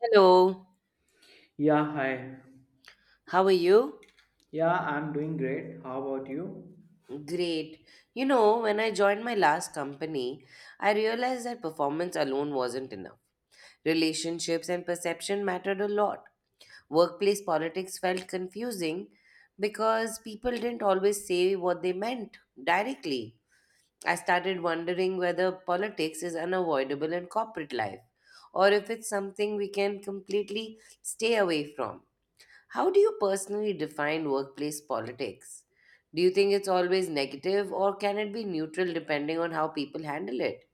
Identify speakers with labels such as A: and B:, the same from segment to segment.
A: Hello,
B: Yeah, hi.
A: how are you?
B: Yeah, I'm doing great. How about you?
A: Great. You know, when I joined my last company, I realized that performance alone wasn't enough. Relationships and perception mattered a lot. Workplace politics felt confusing because people didn't always say what they meant directly. I started wondering whether politics is unavoidable in corporate life or if it's something we can completely stay away from. How do you personally define workplace politics? Do you think it's always negative or can it be neutral depending on how people handle it?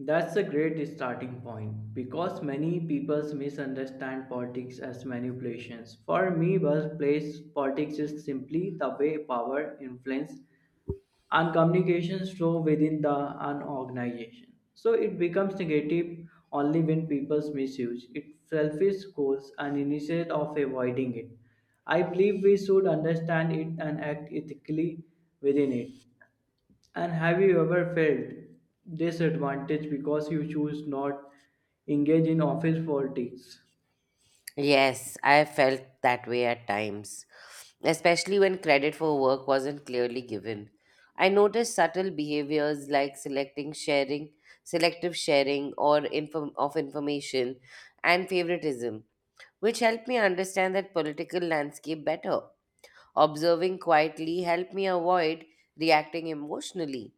B: That's a great starting point because many people misunderstand politics as manipulations. For me, workplace politics is simply the way power, influence, and communications flow within the an organization. So it becomes negative only when people misuse it, selfish goals, and instead of avoiding it. I believe we should understand it and act ethically within it. And have you ever felt disadvantaged because you choose not engage in office politics?
A: Yes, I felt that way at times, especially when credit for work wasn't clearly given. I noticed subtle behaviors like selecting sharing, selective sharing or inform- of information and favoritism, which helped me understand that political landscape better. Observing quietly helped me avoid reacting emotionally.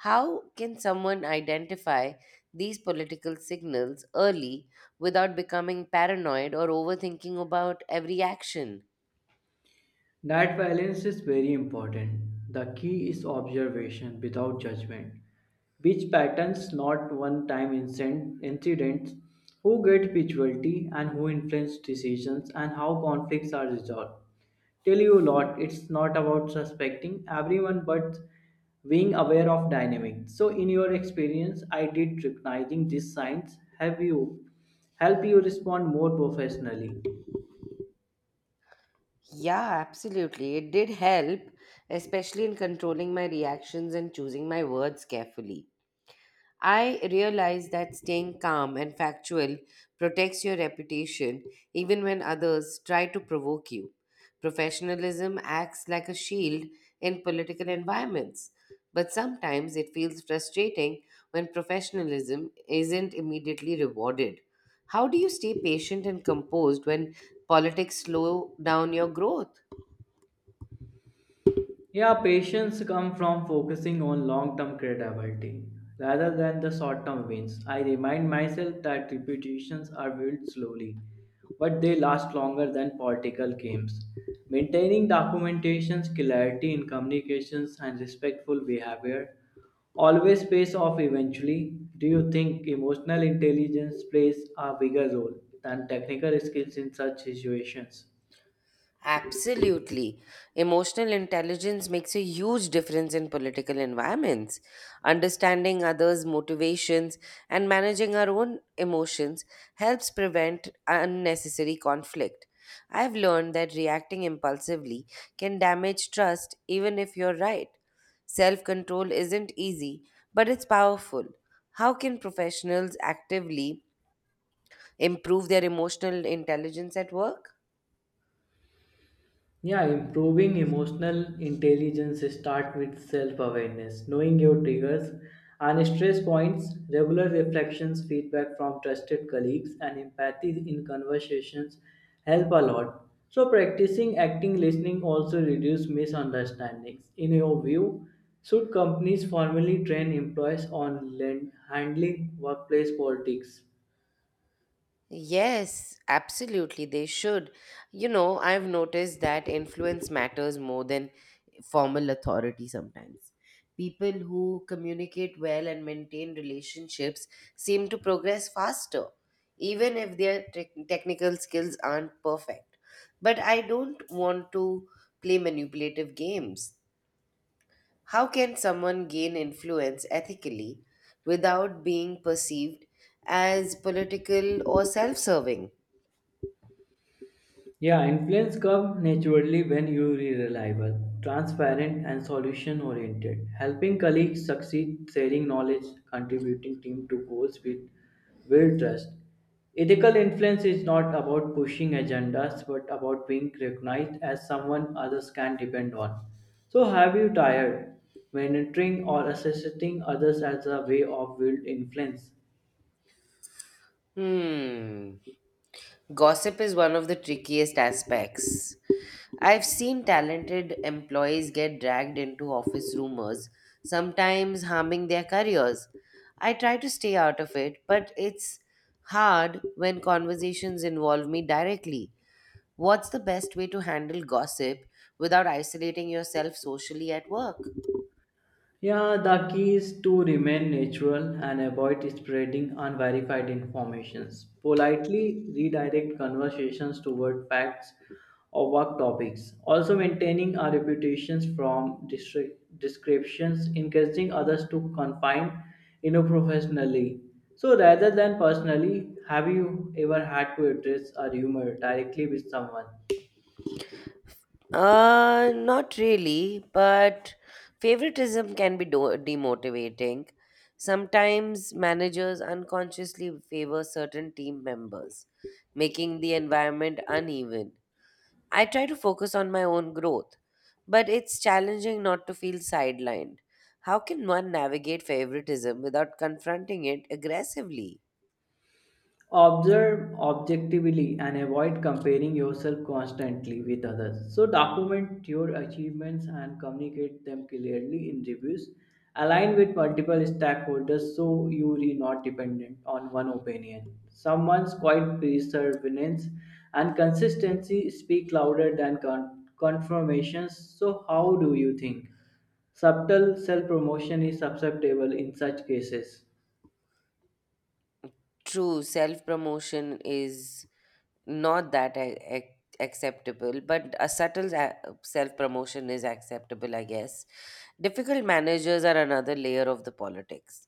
A: How can someone identify these political signals early without becoming paranoid or overthinking about every action?
B: That balance is very important. The key is observation without judgment. Which patterns, not one time incidents, who get visuality and who influence decisions, and how conflicts are resolved. Tell you a lot, it's not about suspecting everyone but being aware of dynamics. So, in your experience, I did recognizing these signs have you help you respond more professionally.
A: Yeah, absolutely. It did help, especially in controlling my reactions and choosing my words carefully. I realize that staying calm and factual protects your reputation even when others try to provoke you. Professionalism acts like a shield in political environments, but sometimes it feels frustrating when professionalism isn't immediately rewarded. How do you stay patient and composed when politics slow down your growth?
B: Yeah, patience comes from focusing on long-term credibility rather than the short-term wins. I remind myself that reputations are built slowly, but they last longer than political games. Maintaining documentations, clarity in communications, and respectful behavior always pays off eventually. Do you think emotional intelligence plays a bigger role than technical skills in such situations?
A: Absolutely. Emotional intelligence makes a huge difference in political environments. Understanding others' motivations and managing our own emotions helps prevent unnecessary conflict. I've learned that reacting impulsively can damage trust even if you're right. Self control isn't easy, but it's powerful. How can professionals actively improve their emotional intelligence at work?
B: Yeah, improving emotional intelligence start with self-awareness, knowing your triggers and stress points, regular reflections, feedback from trusted colleagues, and empathy in conversations help a lot. So practicing acting listening also reduce misunderstandings. In your view, should companies formally train employees on handling workplace politics?
A: Yes, absolutely, they should. You know, I've noticed that influence matters more than formal authority sometimes. People who communicate well and maintain relationships seem to progress faster, even if their technical skills aren't perfect. But I don't want to play manipulative games. How can someone gain influence ethically without being perceived as political or self serving?
B: Yeah, influence comes naturally when you are reliable, transparent, and solution oriented, helping colleagues succeed, sharing knowledge, contributing team to goals with will trust. Ethical influence is not about pushing agendas but about being recognized as someone others can depend on. So, have you tired mentoring or assisting others as a way of build influence?
A: Hmm. Gossip is one of the trickiest aspects. I've seen talented employees get dragged into office rumors, sometimes harming their careers. I try to stay out of it, but it's hard when conversations involve me directly. What's the best way to handle gossip without isolating yourself socially at work?
B: Yeah, the key is to remain natural and avoid spreading unverified informations. Politely redirect conversations toward facts or work topics. Also maintaining our reputations from descriptions, encouraging others to confine in a professionally. So rather than personally, have you ever had to address a rumor directly with someone?
A: Not really, but favoritism can be demotivating. Sometimes managers unconsciously favor certain team members, making the environment uneven. I try to focus on my own growth, but it's challenging not to feel sidelined. How can one navigate favoritism without confronting it aggressively?
B: Observe objectively and avoid comparing yourself constantly with others. So, document your achievements and communicate them clearly in reviews. Align with multiple stakeholders so you are not dependent on one opinion. Someone's quiet perseverance and consistency speak louder than confirmations. So, how do you think? Subtle self promotion is acceptable in such cases.
A: True, self promotion is not that acceptable, but a subtle self promotion is acceptable, I guess. Difficult managers are another layer of the politics.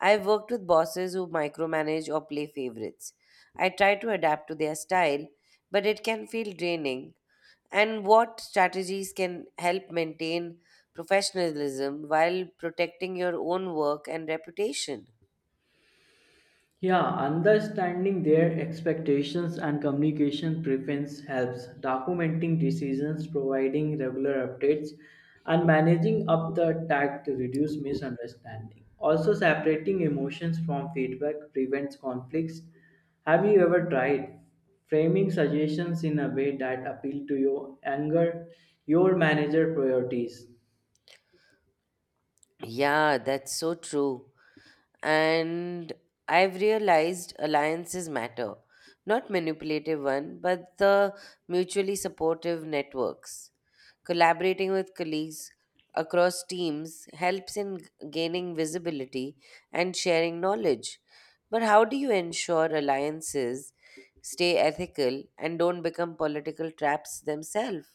A: I've worked with bosses who micromanage or play favorites. I try to adapt to their style, but it can feel draining. And what strategies can help maintain professionalism while protecting your own work and reputation?
B: Yeah, understanding their expectations and communication preference helps. Documenting decisions, providing regular updates, and managing up the tag to reduce misunderstanding. Also, separating emotions from feedback prevents conflicts. Have you ever tried framing suggestions in a way that appeal to your anger, your manager priorities?
A: Yeah, that's so true. And I've realized alliances matter, not manipulative one, but the mutually supportive networks. Collaborating with colleagues across teams helps in gaining visibility and sharing knowledge. But how do you ensure alliances stay ethical and don't become political traps themselves?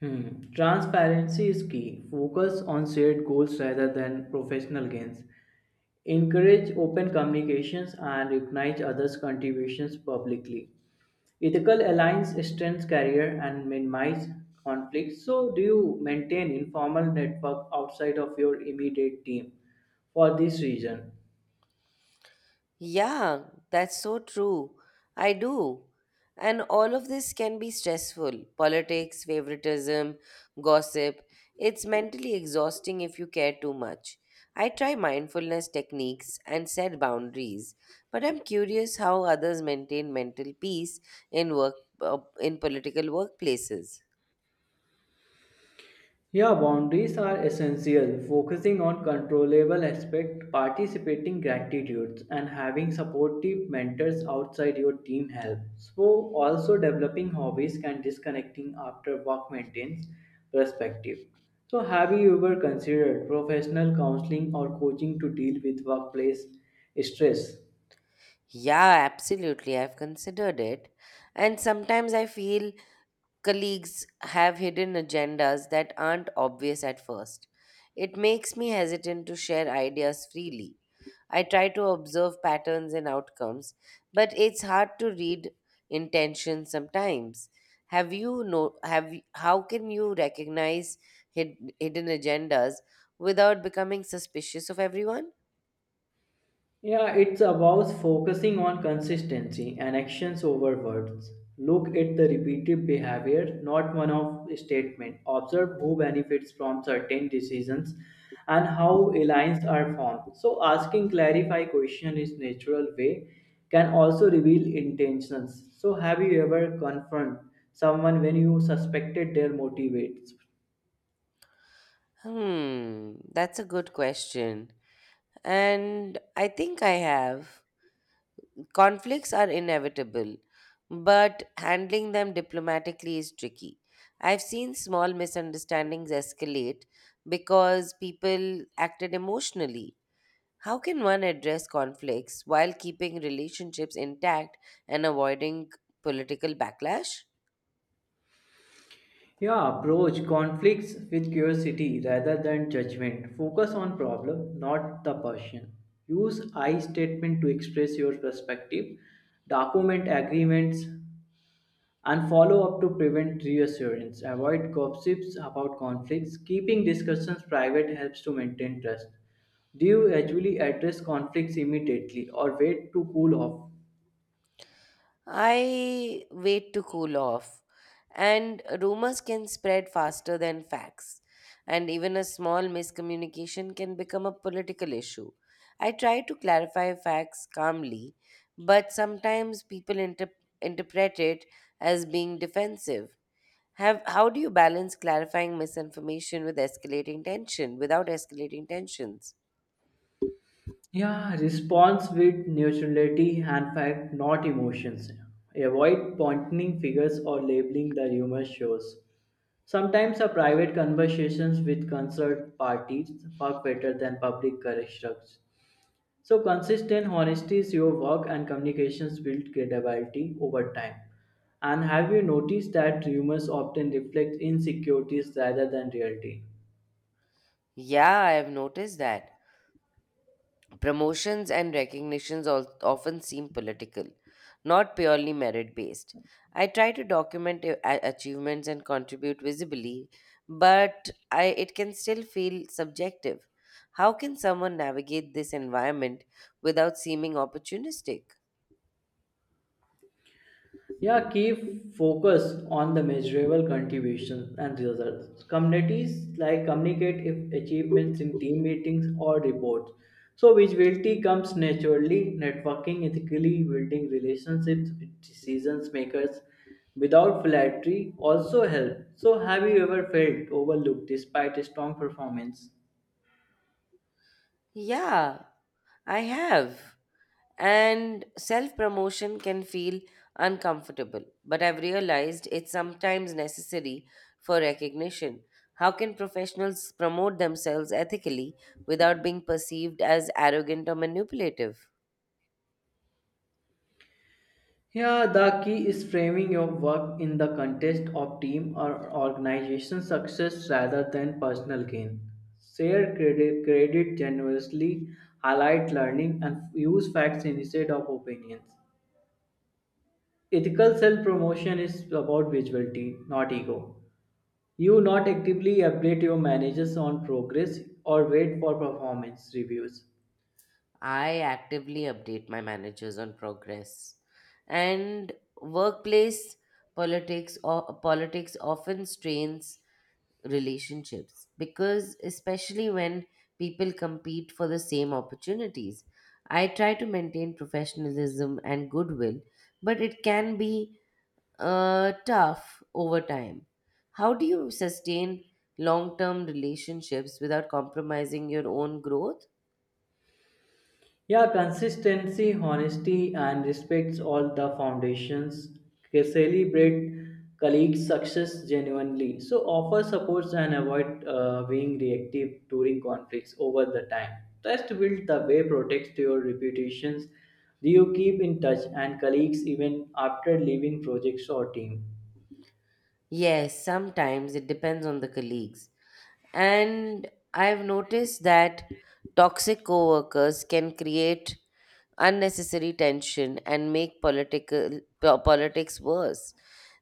B: Hmm. Transparency is key. Focus on shared goals rather than professional gains. Encourage open communications and recognize others' contributions publicly. Ethical alliance strengthens career and minimize conflicts. So, do you maintain informal network outside of your immediate team for this reason?
A: Yeah, that's so true. I do. And all of this can be stressful politics, favoritism, gossip. It's mentally exhausting if you care too much. I try mindfulness techniques and set boundaries, but I'm curious how others maintain mental peace in work in political workplaces.
B: Yeah, boundaries are essential. Focusing on controllable aspects, participating gratitudes, and having supportive mentors outside your team helps. So, also developing hobbies and disconnecting after work maintains perspective. So, have you ever considered professional counseling or coaching to deal with workplace stress?
A: Yeah, absolutely. I've considered it. And sometimes I feel colleagues have hidden agendas that aren't obvious at first. It makes me hesitant to share ideas freely. I try to observe patterns and outcomes, but it's hard to read intentions sometimes. Have you know have y- how can you recognize hid, hidden agendas without becoming suspicious of everyone?
B: Yeah, it's about focusing on consistency and actions over words. Look at the repeated behavior, not one of statement. Observe who benefits from certain decisions and how alliances are formed. So asking clarify question is natural way can also reveal intentions. So have you ever confronted someone when you suspected their motivates?
A: Hmm, that's a good question. And I think I have. Conflicts are inevitable, but handling them diplomatically is tricky. I've seen small misunderstandings escalate because people acted emotionally. How can one address conflicts while keeping relationships intact and avoiding political backlash?
B: Yeah, approach conflicts with curiosity rather than judgment. Focus on problem, not the person. Use I statement to express your perspective. Document agreements and follow up to prevent reassurance. Avoid gossips about conflicts. Keeping discussions private helps to maintain trust. Do you actually address conflicts immediately or wait to cool off?
A: I wait to cool off, and rumors can spread faster than facts, and even a small miscommunication can become a political issue. I try to clarify facts calmly, but sometimes people interpret it as being defensive. How do you balance clarifying misinformation with escalating tension without escalating tensions?
B: Yeah, response with neutrality and fact, not emotions. Avoid pointing figures or labeling the rumor shows. Sometimes a private conversations with concerned parties work better than public corrections. So consistent honesty is your work and communications build credibility over time. And have you noticed that rumors often reflect insecurities rather than reality?
A: Yeah, I have noticed that. Promotions and recognitions often seem political, not purely merit based. I try to document achievements and contribute visibly, but it can still feel subjective. How can someone navigate this environment without seeming opportunistic?
B: Yeah, keep focus on the measurable contributions and results. Communities like communicate if achievements in team meetings or reports. So visibility comes naturally, networking ethically, building relationships with decision makers without flattery also help. So have you ever felt overlooked despite a strong performance?
A: Yeah, I have. And self promotion can feel uncomfortable, but I've realized it's sometimes necessary for recognition. How can professionals promote themselves ethically without being perceived as arrogant or manipulative?
B: Yeah, the key is framing your work in the context of team or organization success rather than personal gain. Share credit, credit generously, highlight learning, and use facts instead of opinions. Ethical self promotion is about visibility, not ego. You not actively update your managers on progress or wait for performance reviews.
A: I actively update my managers on progress. And workplace politics or politics often strains relationships because especially when people compete for the same opportunities, I try to maintain professionalism and goodwill, but it can be tough over time. How do you sustain long-term relationships without compromising your own growth?
B: Yeah, consistency, honesty, and respects all the foundations. They Celebrate colleagues' success genuinely. So offer supports and avoid being reactive during conflicts over the time. Trust build the way protects your reputations. Do you keep in touch and colleagues even after leaving projects or team?
A: Yes, sometimes it depends on the colleagues. And I've noticed that toxic coworkers can create unnecessary tension and make politics worse.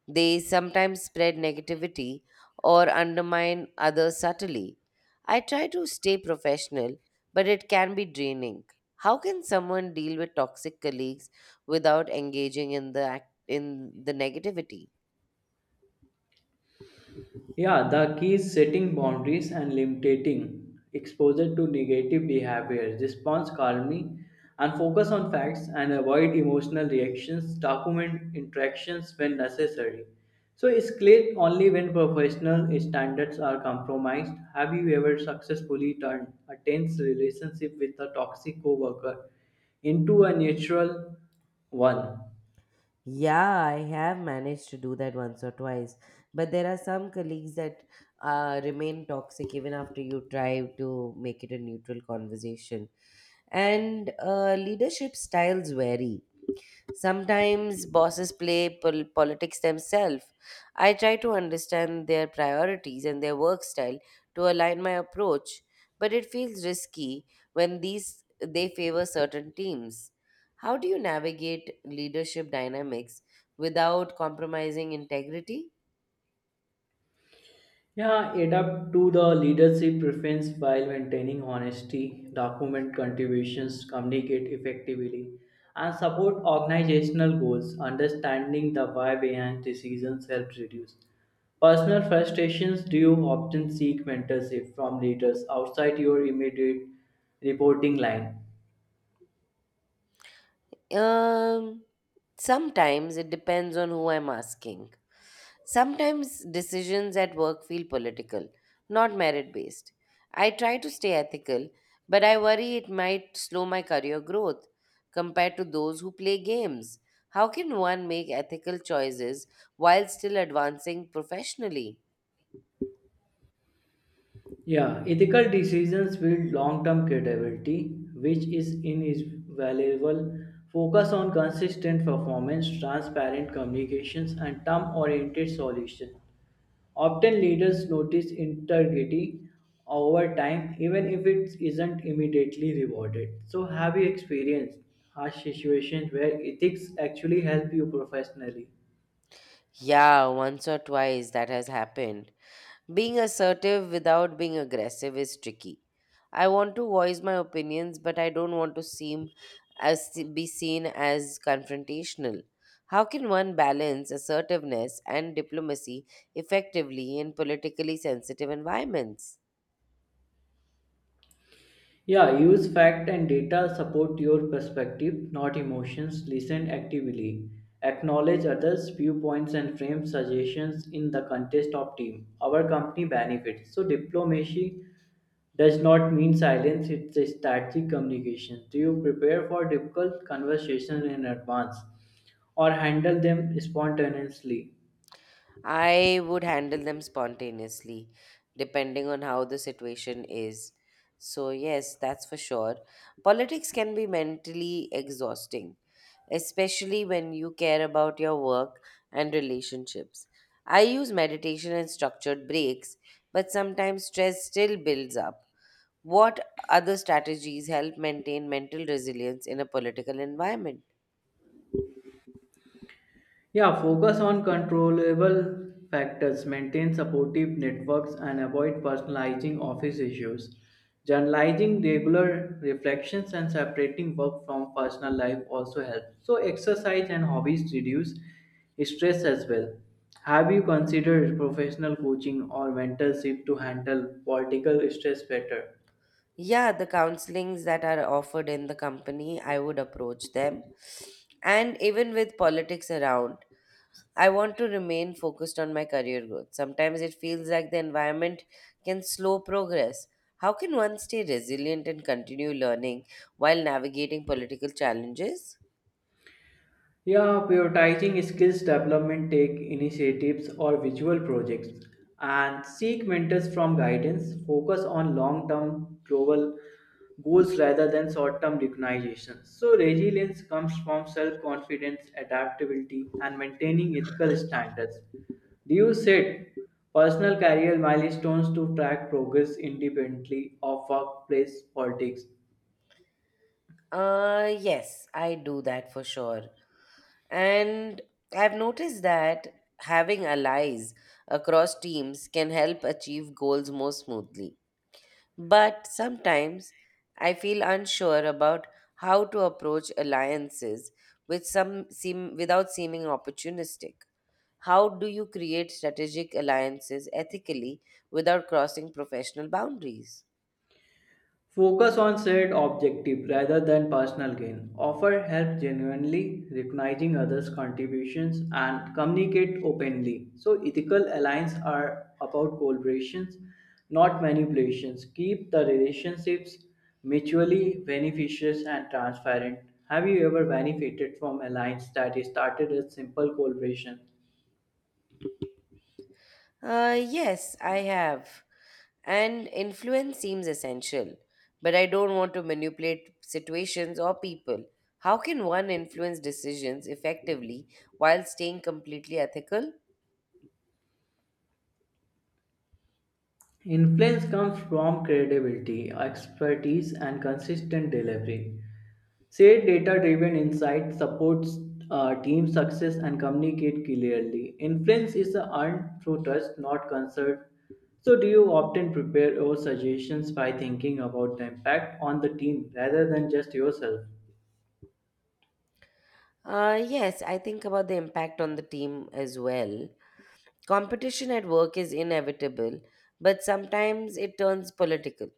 A: They sometimes spread negativity or undermine others subtly. I try to stay professional, but it can be draining. How can someone deal with toxic colleagues without engaging in the negativity?
B: Yeah, the key is setting boundaries and limiting exposure to negative behavior. Respond calmly and focus on facts and avoid emotional reactions. Document interactions when necessary. So, escalate only when professional standards are compromised. Have you ever successfully turned a tense relationship with a toxic coworker into a natural one?
A: Yeah, I have managed to do that once or twice. But there are some colleagues that remain toxic even after you try to make it a neutral conversation. And leadership styles vary. Sometimes bosses play politics themselves. I try to understand their priorities and their work style to align my approach, but it feels risky when these they favor certain teams. How do you navigate leadership dynamics without compromising integrity?
B: Yeah, adapt to the leadership preference while maintaining honesty, document contributions, communicate effectively, and support organizational goals. Understanding the why behind decisions helps reduce personal frustrations. Do you often seek mentorship from leaders outside your immediate reporting line?
A: Um, Sometimes it depends on who I'm asking. Sometimes decisions at work feel political, not merit based. I try to stay ethical, but I worry it might slow my career growth compared to those who play games. How can one make ethical choices while still advancing professionally?
B: Yeah, ethical decisions build long term credibility, which is invaluable. Focus on consistent performance, transparent communications, and term oriented solutions. Often leaders notice integrity over time, even if it isn't immediately rewarded. So, have you experienced harsh situations where ethics actually help you professionally?
A: Yeah, once or twice that has happened. Being assertive without being aggressive is tricky. I want to voice my opinions, but I don't want to seem as be seen as confrontational. How can one balance assertiveness and diplomacy effectively in politically sensitive environments?
B: Yeah, use fact and data support your perspective, not emotions. Listen actively. Acknowledge others' viewpoints and frame suggestions in the context of team. Our company benefits. So diplomacy does not mean silence, it's a strategic communication. Do you prepare for difficult conversations in advance or handle them spontaneously?
A: I would handle them spontaneously, depending on how the situation is. So, yes, that's for sure. Politics can be mentally exhausting especially when you care about your work and relationships. I use meditation and structured breaks, but sometimes stress still builds up. What other strategies help maintain mental resilience in a political environment?
B: Yeah, focus on controllable factors, maintain supportive networks, and avoid personalizing office issues. Journalizing regular reflections and separating work from personal life also helps. So, exercise and hobbies reduce stress as well. Have you considered professional coaching or mentorship to handle political stress better?
A: Yeah, the counselings that are offered in the company, I would approach them. And even with politics around, I want to remain focused on my career growth. Sometimes it feels like the environment can slow progress. How can one stay resilient and continue learning while navigating political challenges?
B: Yeah, prioritizing skills development, take initiatives or visual projects, and seek mentors from guidance. Focus on long term global goals rather than short term recognition. So, resilience comes from self confidence, adaptability, and maintaining ethical standards. Do you set personal career milestones to track progress independently of workplace politics?
A: Yes, I do that for sure. And I've noticed that having allies across teams can help achieve goals more smoothly. But sometimes I feel unsure about how to approach alliances without seeming opportunistic. How do you create strategic alliances ethically without crossing professional boundaries?
B: Focus on shared objective rather than personal gain. Offer help genuinely, recognizing others' contributions and communicate openly. So ethical alliances are about collaborations, not manipulations. Keep the relationships mutually beneficial and transparent. Have you ever benefited from alliance that started as simple collaboration?
A: Yes, I have. And influence seems essential, but I don't want to manipulate situations or people. How can one influence decisions effectively while staying completely ethical?
B: Influence comes from credibility, expertise, and consistent delivery. Shared data driven insight supports team success and communicate clearly. Influence is earned through trust, not concern. So, do you often prepare your suggestions by thinking about the impact on the team rather than just yourself?
A: Yes, I think about the impact on the team as well. Competition at work is inevitable, but sometimes it turns political.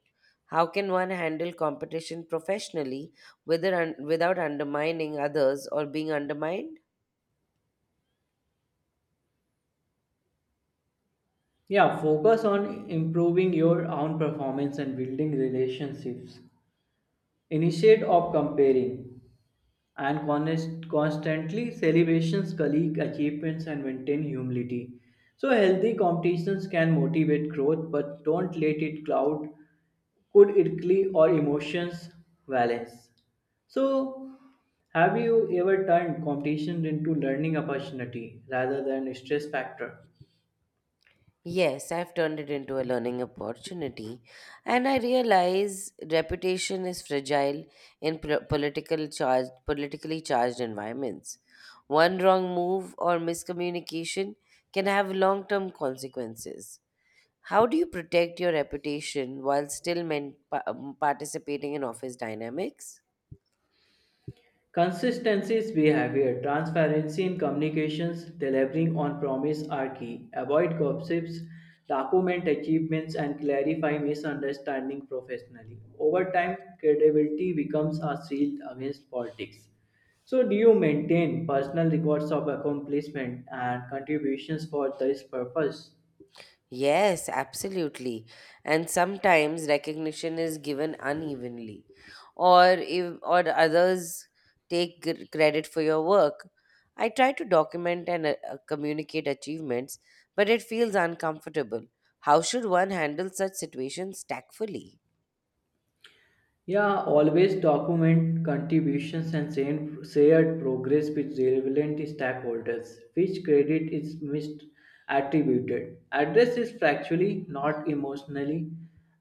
A: How can one handle competition professionally whether without undermining others or being undermined?
B: Yeah, focus on improving your own performance and building relationships. Initiate of comparing. And constantly celebrations colleague achievements and maintain humility so healthy competitions can motivate growth but don't let it cloud could quickly or emotions balance so have you ever turned competition into learning opportunity rather than a stress factor.
A: Yes, I've turned it into a learning opportunity, and I realize reputation is fragile in politically charged environments. One wrong move or miscommunication can have long-term consequences. How do you protect your reputation while still participating in office dynamics?
B: Consistency is behavior. Transparency in communications, delivering on promise are key. Avoid gossips, document achievements, and clarify misunderstanding professionally. Over time, credibility becomes a shield against politics. So, do you maintain personal records of accomplishment and contributions for this purpose?
A: Yes, absolutely. And sometimes recognition is given unevenly, or if or others take credit for your work. I try to document and communicate achievements, but it feels uncomfortable. How should one handle such situations tactfully?
B: Yeah, always document contributions and send shared progress with relevant stakeholders, which credit is misattributed. Address is factually, not emotionally,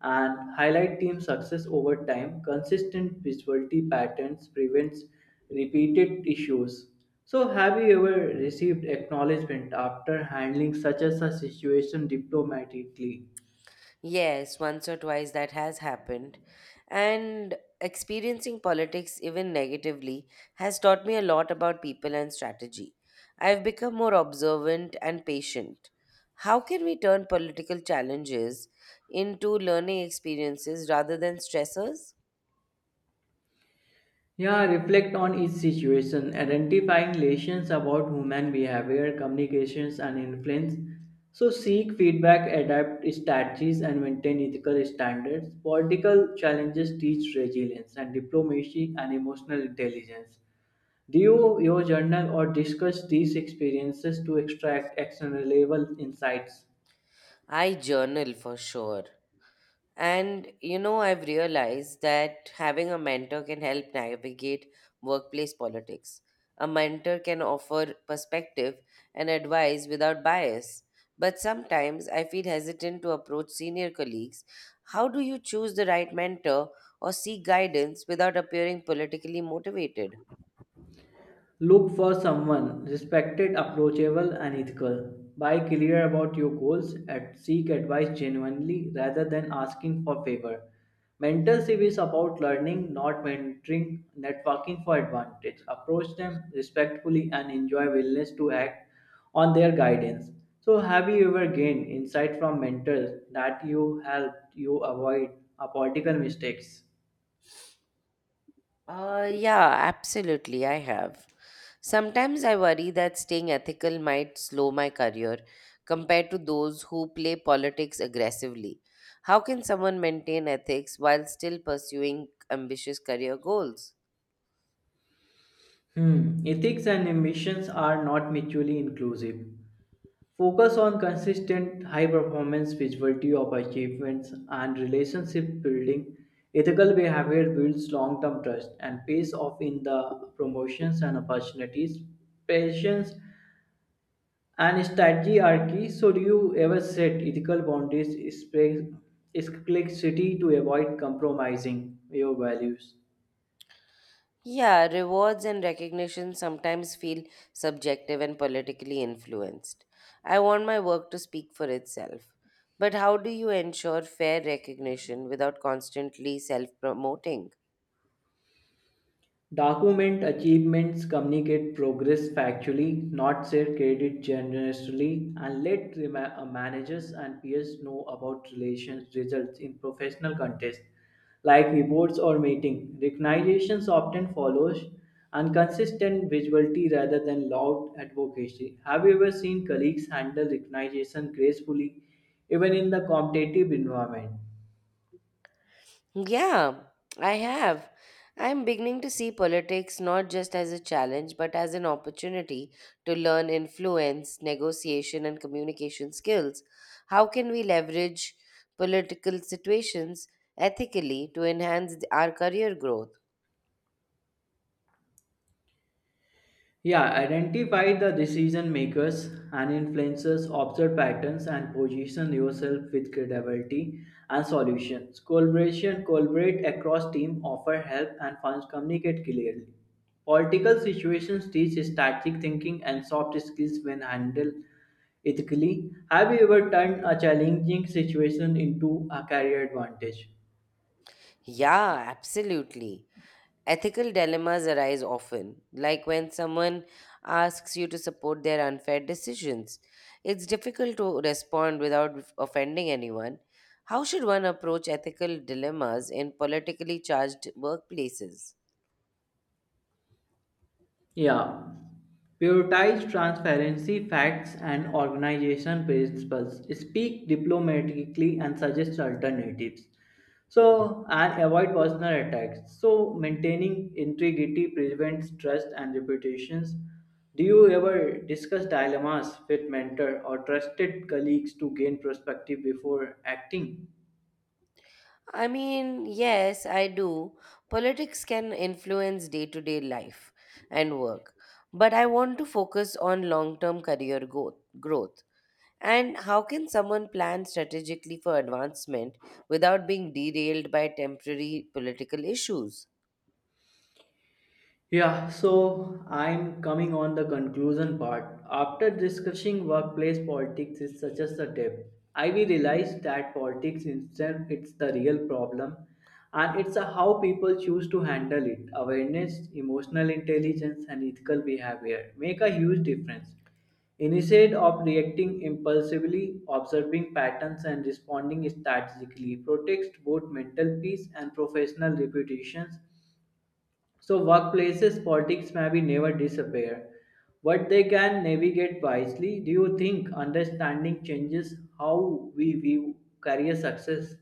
B: and highlight team success over time. Consistent visibility patterns prevents repeated issues. So, have you ever received acknowledgement after handling such as a situation diplomatically?
A: Yes, once or twice that has happened. And experiencing politics, even negatively, has taught me a lot about people and strategy. I've become more observant and patient. How can we turn political challenges into learning experiences rather than stressors?
B: Yeah, reflect on each situation, identifying lessons about human behavior, communications, and influence. So, seek feedback, adapt strategies, and maintain ethical standards. Political challenges teach resilience and diplomacy and emotional intelligence. Do your journal or discuss these experiences to extract actionable insights.
A: I journal for sure. And you know, I've realized that having a mentor can help navigate workplace politics. A mentor can offer perspective and advice without bias. But sometimes I feel hesitant to approach senior colleagues. How do you choose the right mentor or seek guidance without appearing politically motivated?
B: Look for someone respected, approachable, and ethical. Be clear about your goals and seek advice genuinely rather than asking for favor. Mentorship is about learning, not mentoring, networking for advantage. Approach them respectfully and enjoy willingness to act on their guidance. So, have you ever gained insight from mentors that you helped you avoid political mistakes?
A: Yeah, absolutely. I have. Sometimes I worry that staying ethical might slow my career compared to those who play politics aggressively. How can someone maintain ethics while still pursuing ambitious career goals?
B: Hmm, ethics and ambitions are not mutually inclusive. Focus on consistent high performance visibility of achievements and relationship building. Ethical behavior builds long term trust and pays off in the promotions and opportunities. Patience and strategy are key. Should you ever set ethical boundaries, is complexity to avoid compromising your values?
A: Yeah, rewards and recognition sometimes feel subjective and politically influenced. I want my work to speak for itself. But how do you ensure fair recognition without constantly self promoting?
B: Document achievements, communicate progress factually, not share credit generously, and let managers and peers know about relations results in professional contests like reports or meeting. Recognitions often follows and consistent visibility rather than loud advocacy. Have you ever seen colleagues handle recognition gracefully, even in the competitive environment?
A: Yeah, I have. I'm beginning to see politics not just as a challenge, but as an opportunity to learn influence, negotiation, and communication skills. How can we leverage political situations ethically to enhance our career growth?
B: Yeah, identify the decision makers and influencers, observe patterns, and position yourself with credibility and solutions. Collaboration, collaborate across team, offer help and funds, communicate clearly. Political situations teach strategic thinking and soft skills when handled ethically. Have you ever turned a challenging situation into a career advantage?
A: Yeah, absolutely. Ethical dilemmas arise often, like when someone asks you to support their unfair decisions. It's difficult to respond without offending anyone. How should one approach ethical dilemmas in politically charged workplaces?
B: Yeah. Prioritize transparency, facts, and organization principles. Speak diplomatically and suggest alternatives. So, and avoid personal attacks. So, maintaining integrity prevents trust and reputations. Do you ever discuss dilemmas with mentor or trusted colleagues to gain perspective before acting?
A: I mean, yes, I do. Politics can influence day to day life and work, but I want to focus on long term career growth. And how can someone plan strategically for advancement without being derailed by temporary political issues?
B: Yeah, so I'm coming on the conclusion part. After discussing workplace politics is such as a depth, I will realize that politics itself it's the real problem and it's a how people choose to handle it. Awareness, emotional intelligence and ethical behavior make a huge difference. Instead of reacting impulsively, observing patterns and responding strategically protects both mental peace and professional reputations so, workplaces politics may be never disappear, but they can navigate wisely. Do you think understanding changes how we view career success?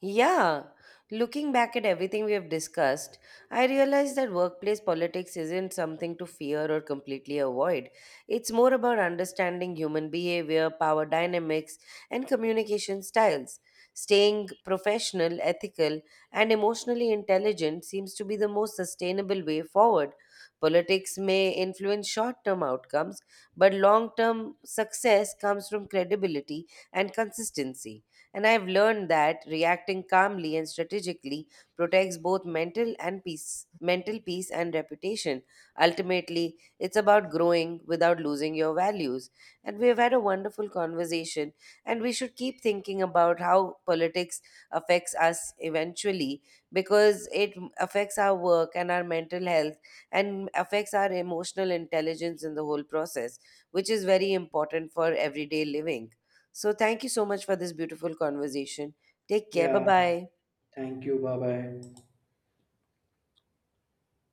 A: Yeah, looking back at everything we have discussed, I realize that workplace politics isn't something to fear or completely avoid. It's more about understanding human behavior, power dynamics, and communication styles. Staying professional, ethical, and emotionally intelligent seems to be the most sustainable way forward. Politics may influence short term outcomes, but long term success comes from credibility and consistency. And I've learned that reacting calmly and strategically protects both mental peace and reputation. Ultimately, it's about growing without losing your values. And we have had a wonderful conversation, and we should keep thinking about how politics affects us eventually because it affects our work and our mental health and affects our emotional intelligence in the whole process, which is very important for everyday living. So thank you so much for this beautiful conversation. Take care. Bye
B: Yeah,
A: bye.
B: thank you. Bye bye.